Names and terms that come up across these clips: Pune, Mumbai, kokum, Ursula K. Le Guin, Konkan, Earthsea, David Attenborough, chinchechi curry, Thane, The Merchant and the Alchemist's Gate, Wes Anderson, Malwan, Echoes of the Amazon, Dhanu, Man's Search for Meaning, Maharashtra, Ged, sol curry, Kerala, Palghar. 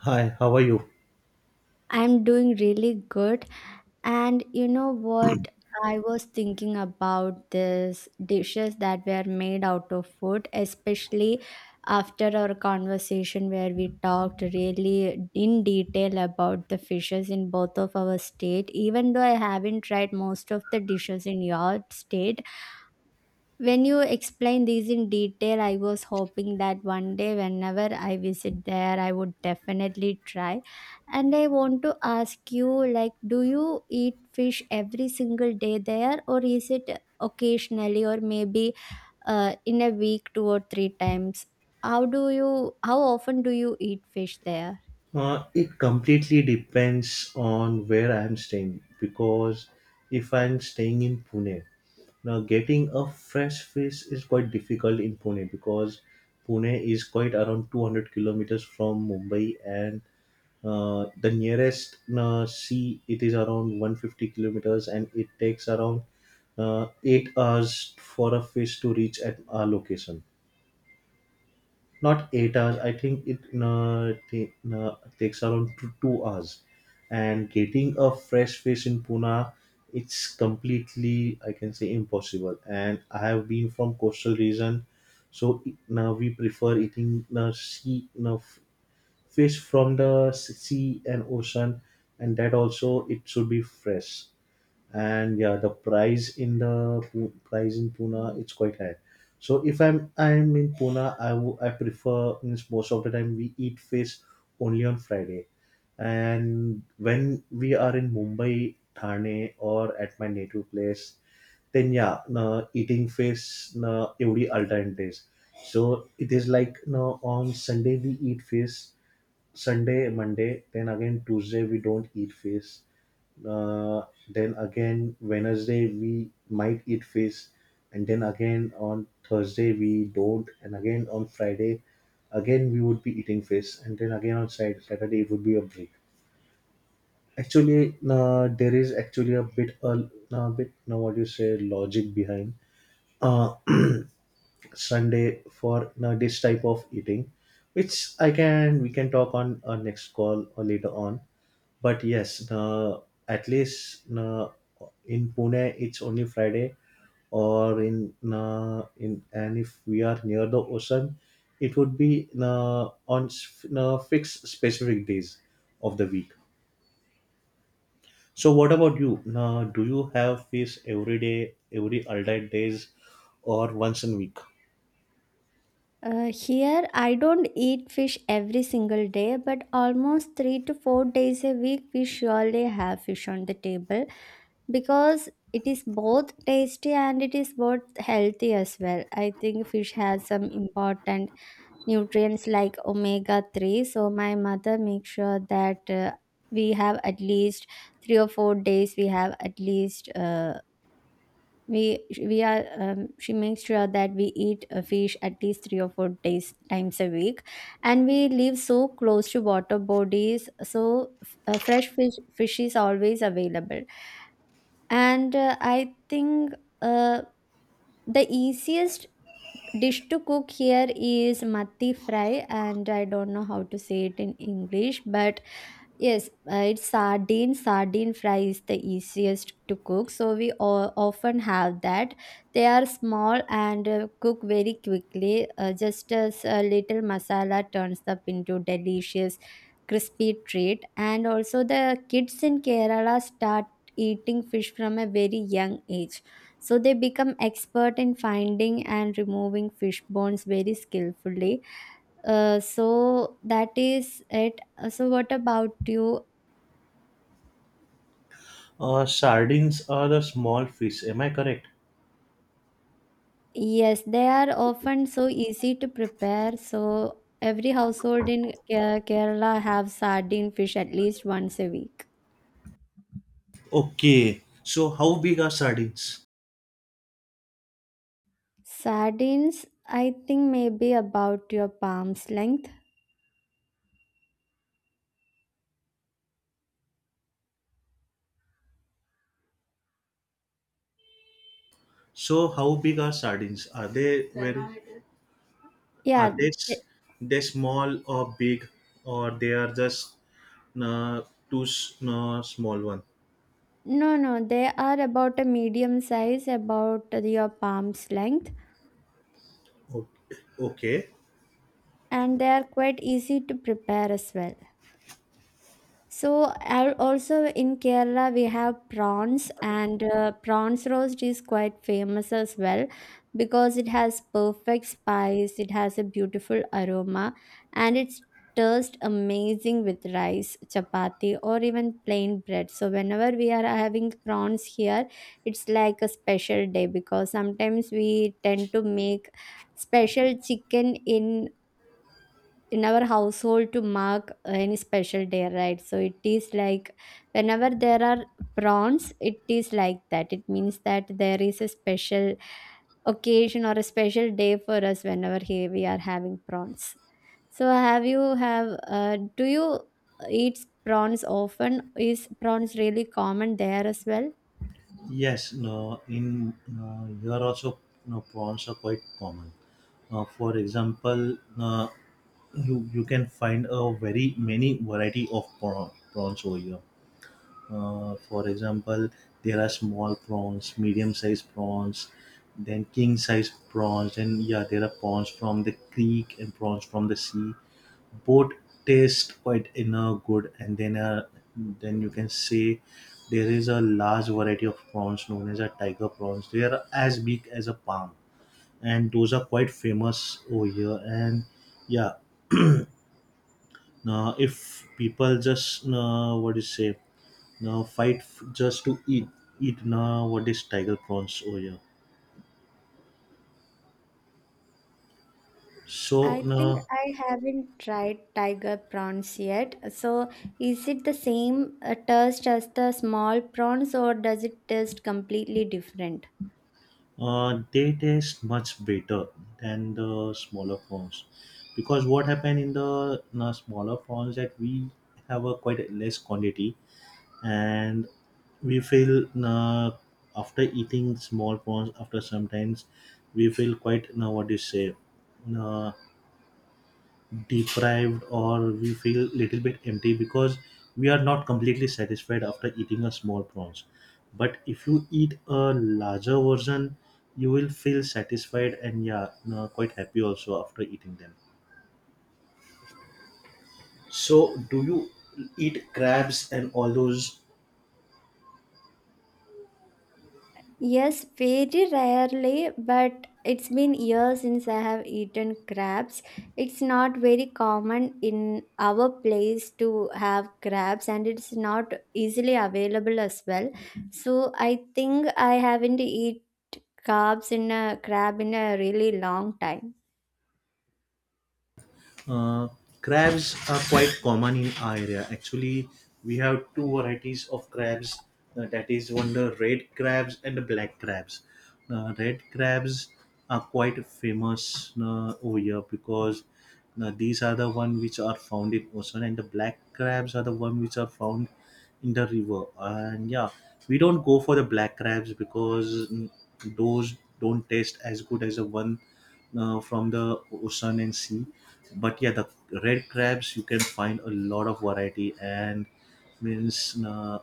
Hi, how are you? I'm doing really good. And you know what? I was thinking about these dishes that were made out of food, especially after our conversation where we talked really in detail about the fishes in both of our state. Even though I haven't tried most of the dishes in your state, when you explain these in detail, I was hoping that one day, whenever I visit there, I would definitely try. And I want to ask you, like, do you eat fish every single day there, or is it occasionally, or maybe in a week, two or three times? How do you? How often do you eat fish there? It completely depends on where I'm staying because if I'm staying in Pune, now getting a fresh fish is quite difficult in Pune because Pune is quite around 200 kilometers from Mumbai and the nearest sea it is around 150 kilometers and it takes around 8 hours for a fish to reach at our location, not 8 hours. I think it takes around two hours. And getting a fresh fish in Pune, it's completely, I can say, impossible. And I have been from coastal region, so now we prefer eating sea fish from the sea and ocean, and that also it should be fresh. And yeah, the price in the price in Pune, it's quite high, so if I'm in Pune, I prefer, means most of the time we eat fish only on Friday. And when we are in Mumbai, Thane, or at my native place, then yeah, no, eating fish, no, every alternate days. So it is like, no, on Sunday we eat fish, Sunday, Monday, then again Tuesday we don't eat fish. Then again, Wednesday we might eat fish, and then again on Thursday we don't, and again on Friday, again we would be eating fish, and then again on Saturday it would be a break. Actually, there is actually a bit now, what you say, logic behind uh, Sunday for now this type of eating, which I can we can talk on our next call or later on. But yes, at least in Pune it's only Friday, or in and if we are near the ocean, it would be on fixed, specific days of the week. So what about you? Do you have fish every day, every alternate days, or once in week? Here, I don't eat fish every single day, but almost 3 to 4 days a week, we surely have fish on the table. Because it is both tasty and it is both healthy as well. I think fish has some important nutrients like omega 3. So, my mother makes sure that we have at least 3 or 4 days, we have at least. We are She makes sure that we eat a fish at least 3 or 4 days times a week, and we live so close to water bodies, so fresh fish is always available. And I think uh, the easiest dish to cook here is matti fry, and I don't know how to say it in English, but yes, it's sardine. Sardine fry is the easiest to cook, so we often have that. They are small and cook very quickly. Just as a little masala turns up into delicious, crispy treat. And also, the kids in Kerala start eating fish from a very young age, so they become expert in finding and removing fish bones very skillfully. So that is it. So, what about you? Sardines are the small fish. Am I correct? Yes, they are often so easy to prepare. So every household in Kerala have sardine fish at least once a week. Okay. So how big are sardines? Sardines, I think maybe about your palm's length. So how big are sardines? Are they very? Yeah, Are they th- small or big, or they are just uh, two small one? no, no, they are about a medium size, about your palm's length, Okay, okay. and they are quite easy to prepare as well. So also in Kerala we have prawns, and prawns roast is quite famous as well, because it has perfect spice, it has a beautiful aroma, and it's just amazing with rice, chapati, or even plain bread. So whenever we are having prawns here, it's like a special day, because sometimes we tend to make special chicken in our household to mark any special day, right? So it is like whenever there are prawns, it is like that, it means that there is a special occasion or a special day for us whenever we are having prawns. So have you have do you eat prawns often? Is prawns really common there as well? Yes, no, in here also, no, prawns are quite common. For example, you can find a very many variety of prawns over here. For example, there are small prawns, medium-sized prawns, then king-sized prawns, and yeah, there are prawns from the creek and prawns from the sea. Both taste quite, good, and then you can say there is a large variety of prawns known as a tiger prawns. They are as big as a palm, and those are quite famous over here. And yeah, if people just what do you say, now fight, just to eat. Eat, now what is tiger prawns over, yeah. So I think now, I haven't tried tiger prawns yet. So, is it the same taste as the small prawns, or does it taste completely different? They taste much better than the smaller prawns, because what happened in the na smaller prawns that we have a quite a less quantity, and we feel after eating small prawns, after sometimes we feel quite, now what do you say, uh, deprived, or we feel little bit empty because we are not completely satisfied after eating a small prawns. But if you eat a larger version, you will feel satisfied, and yeah, quite happy also after eating them. So do you eat crabs and all those? Yes, very rarely, but it's been years since I have eaten crabs. It's not very common in our place to have crabs, and it's not easily available as well. So, I think I haven't eaten crabs in a crab in a really long time. Uh, Crabs are quite common in our area. Actually, we have two varieties of crabs, that is one, the red crabs and the black crabs. Red crabs are quite famous over here because these are the one which are found in ocean, and the black crabs are the one which are found in the river. And yeah, we don't go for the black crabs because, those don't taste as good as the one from the ocean and sea. But yeah, the red crabs, you can find a lot of variety, and means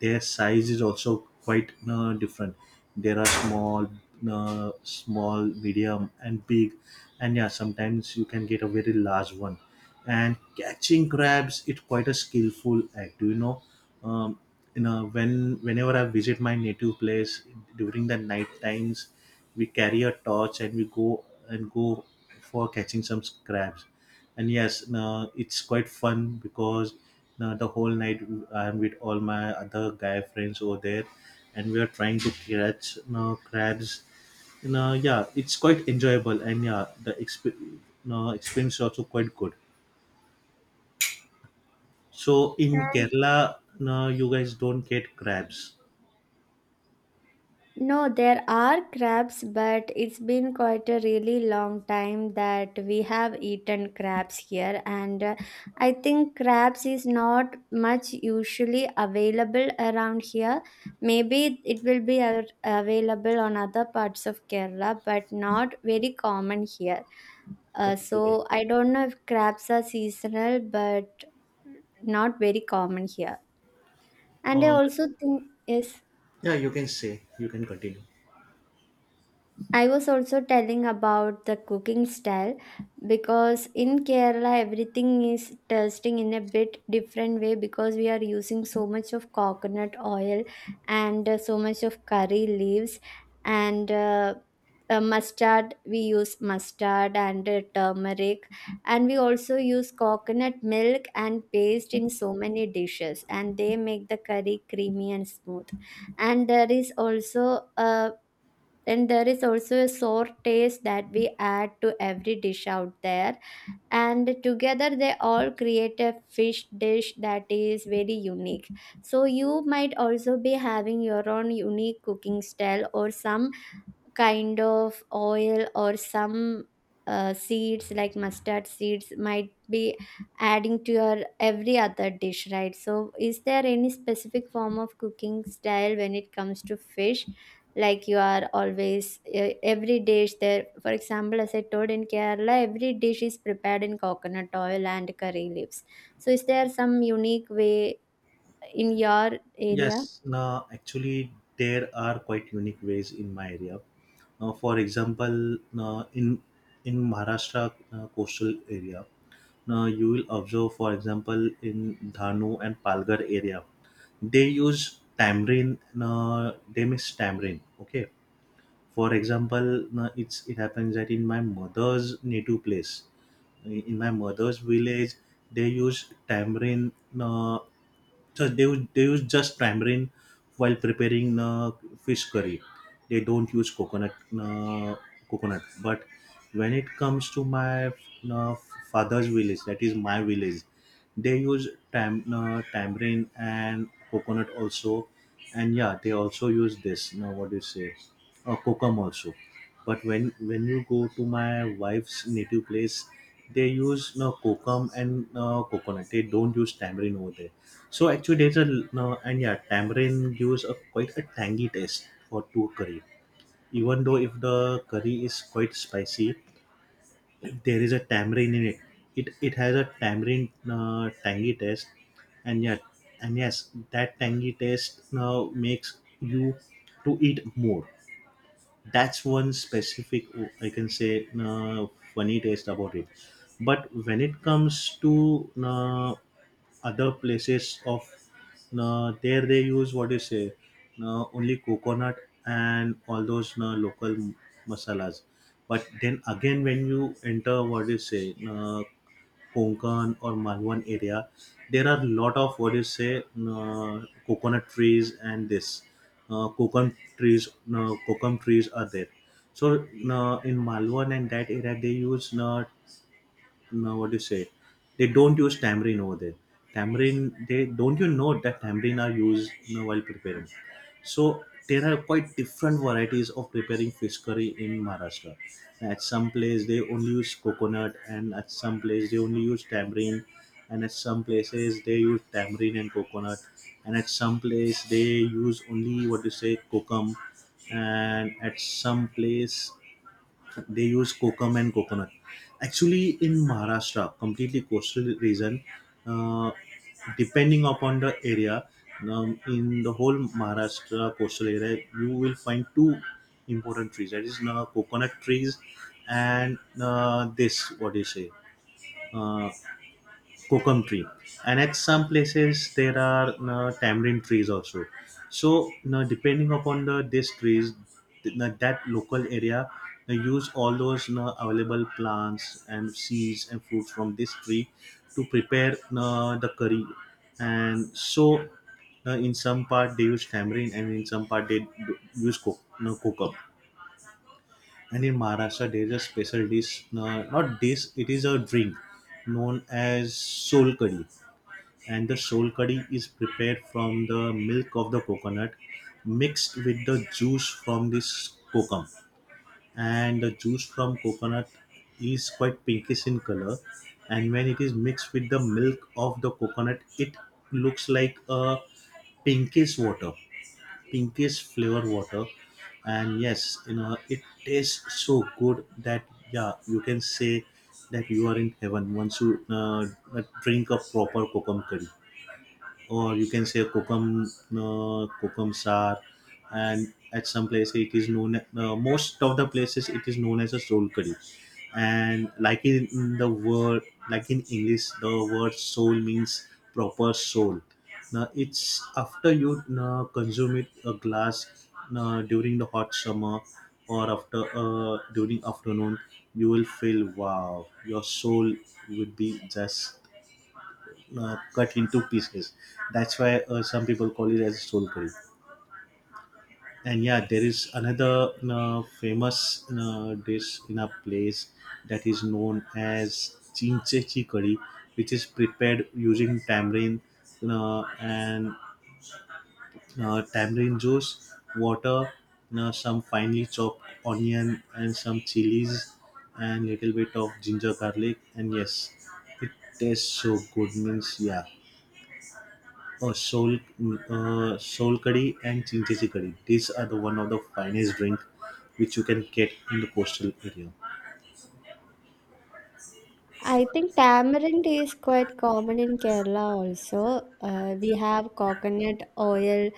their size is also quite different. There are small, medium, and big, and yeah, sometimes you can get a very large one. And catching crabs, it's quite a skillful act. Do you know, um, whenever I visit my native place during the night times, we carry a torch and we go and go for catching some crabs. And yes, it's quite fun because the whole night I'm with all my other guy friends over there, and we are trying to catch crabs, yeah, it's quite enjoyable. And yeah, the exp- you experience is also quite good. So in And Kerala, no, you guys don't get crabs? no, there are crabs, but it's been quite a really long time that we have eaten crabs here, and I think crabs is not much usually available around here. Maybe it will be available on other parts of Kerala, but not very common here. Okay. So I don't know if crabs are seasonal, but not very common here. And I Uh, also think yes. yeah, you can say, you can continue. I was also telling about the cooking style, because in Kerala everything is tasting in a bit different way, because we are using so much of coconut oil and so much of curry leaves, and mustard we use mustard, and turmeric. And we also use coconut milk and paste in so many dishes, and they make the curry creamy and smooth. And there is also a then there is also a sour taste that we add to every dish out there. And together they all create a fish dish that is very unique. So you might also be having your own unique cooking style, or some kind of oil, or some seeds like mustard seeds might be adding to your every other dish, right? So is there any specific form of cooking style when it comes to fish, like you are always every dish there? For example, as I told, in Kerala every dish is prepared in coconut oil and curry leaves. So is there some unique way in your area? Yes, now actually, there are quite unique ways in my area. Now, for example, now in Maharashtra coastal area, now you will observe, for example, in Dhanu and Palghar area, they use tamarind. Now, they mix tamarind. Okay. For example, now it happens that in my mother's native place, in my mother's village, they use tamarind. Uh, So they use just tamarind while preparing fish curry. They don't use coconut, uh, coconut. But when it comes to my uh, father's village, that is my village, they use tamarind and coconut also, and yeah, they also use this, now what do you say, kokum also. But when you go to my wife's native place, they use, no, kokum and coconut. They don't use tamarind over there. So actually, there's a, no, and yeah, tamarind gives a quite a tangy taste for to curry. Even though if the curry is quite spicy, if there is a tamarind in it, it has a tamarind tangy taste, and yeah, and yes, that tangy taste now makes you to eat more. That's one specific, I can say, funny taste about it. But when it comes to other places of, there they use, what you say, only coconut and all those local masalas. But then again, when you enter, what you say, Konkan or Malwan area, there are lot of, what you say, coconut trees, and this uh, coconut trees coconut trees are there. So in Malwan and that area they use, no, what do you say? They don't use tamarind over there. Tamarind, they don't, that tamarind are used, while preparing. So there are quite different varieties of preparing fish curry in Maharashtra. At some place they only use coconut, and at some place they only use tamarind, and at some places they use tamarind and coconut, and at some place they use only, what you say, kokum, and at some place they use kokum and coconut. Actually, in Maharashtra, completely coastal region, uh, depending upon the area, in the whole Maharashtra coastal area, you will find two important trees, that is coconut trees, and this, what do you say, uh, kokum tree, and at some places there are tamarind trees also. So now, depending upon these trees, now that local area, they use all those now available plants and seeds and fruits from this tree to prepare now the curry. And so now in some part they use tamarind, and in some part they use now kokum. And in Maharashtra there is a special dish, not dish, it is a drink, known as sol curry. And the shol curry is prepared from the milk of the coconut, mixed with the juice from this kokum. And the juice from coconut is quite pinkish in color, and when it is mixed with the milk of the coconut, it looks like a pinkish water, pinkish flavor water. And yes, it tastes so good that, yeah, you can say that you are in heaven once you drink a proper kokum curry, or you can say kokum, kokum sar. And at some places it is known, most of the places it is known as a soul curry. And like in the word like in English, the word soul means proper soul. Now it's, after you consume it a glass, during the hot summer, or after during afternoon, you will feel, wow, your soul would be just cut into pieces. That's why some people call it as soul curry. And yeah, there is another famous dish in a place that is known as chinchechi curry, which is prepared using tamarind, and tamarind juice, water, some finely chopped onion, and some chilies, and little bit of ginger garlic. And yes, it tastes so good. Means, yeah. Oh, soul curry and chinchesi curry. These are the one of the finest drink which you can get in the coastal area. I think tamarind is quite common in Kerala also. We have coconut oil,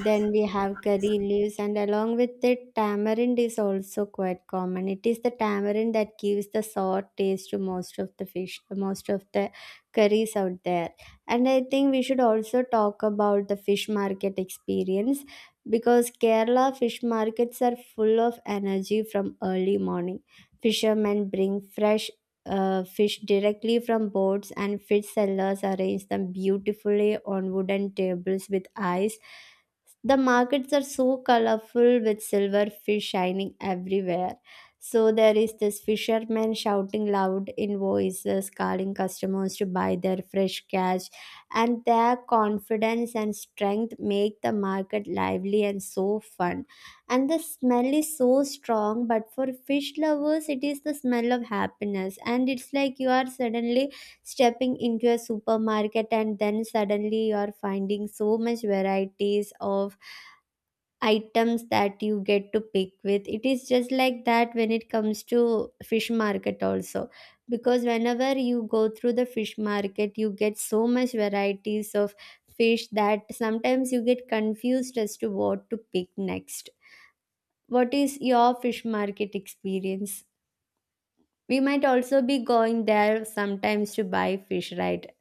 then we have curry leaves, and along with it, tamarind is also quite common. It is the tamarind that gives the sour taste to most of the fish, most of the curries out there. And I think we should also talk about the fish market experience, because Kerala fish markets are full of energy from early morning. Fishermen bring fresh fish directly from boats, and fish sellers arrange them beautifully on wooden tables with ice. The markets are so colorful with silver fish shining everywhere. So there is this fisherman shouting loud in voices, calling customers to buy their fresh catch, and their confidence and strength make the market lively and so fun. And the smell is so strong, but for fish lovers, it is the smell of happiness, and it's like you are suddenly stepping into a supermarket, and then suddenly you are finding so much varieties of items that you get to pick with. It is just like that when it comes to fish market also, because whenever you go through the fish market, you get so much varieties of fish that sometimes you get confused as to what to pick next. What is your fish market experience? We might also be going there sometimes to buy fish, right?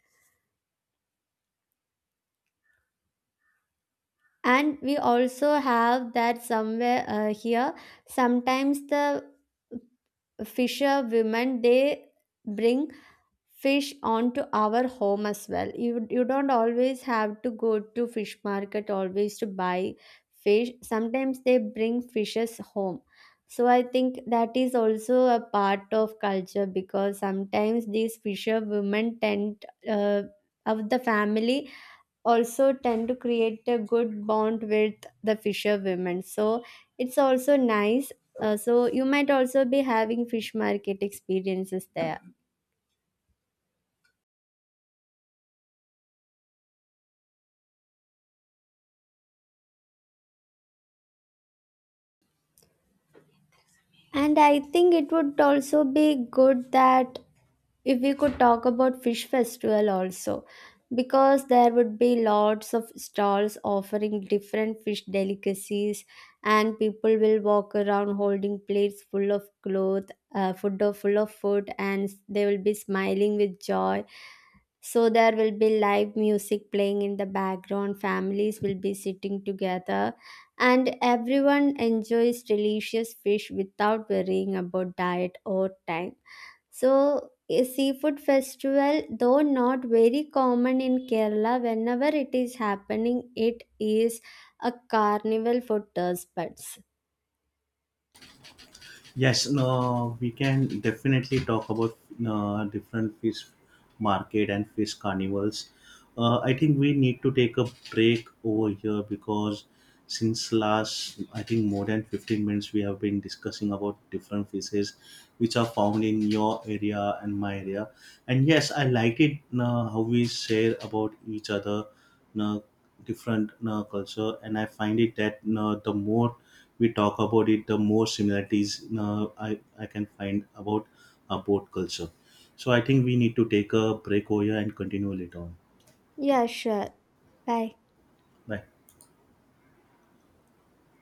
And we also have that somewhere here. Sometimes the Fisher women, they bring fish onto our home as well. You don't always have to go to fish market always to buy fish. Sometimes they bring fishes home. So I think that is also a part of culture, because sometimes these fisher women tend of the family also tend to create a good bond with the fisher women. So it's also nice. So you might also be having fish market experiences there. And I think it would also be good that if we could talk about fish festival also, because there would be lots of stalls offering different fish delicacies, and people will walk around holding plates full of food, and they will be smiling with joy. So there will be live music playing in the background. Families will be sitting together, and everyone enjoys delicious fish without worrying about diet or time. So, a seafood festival, though not very common in Kerala, whenever it is happening, it is a carnival for taste buds. Yes, no, we can definitely talk about different fish market and fish carnivals. I think we need to take a break over here because since last, I think more than 15 minutes, we have been discussing about different fishes which are found in your area and my area. And yes, I like it, how we share about each other, know, different, culture, and I find it that, the more we talk about it, the more similarities, I can find about both culture. So I think we need to take a break over here and continue later on. Yeah, sure. Bye. Bye.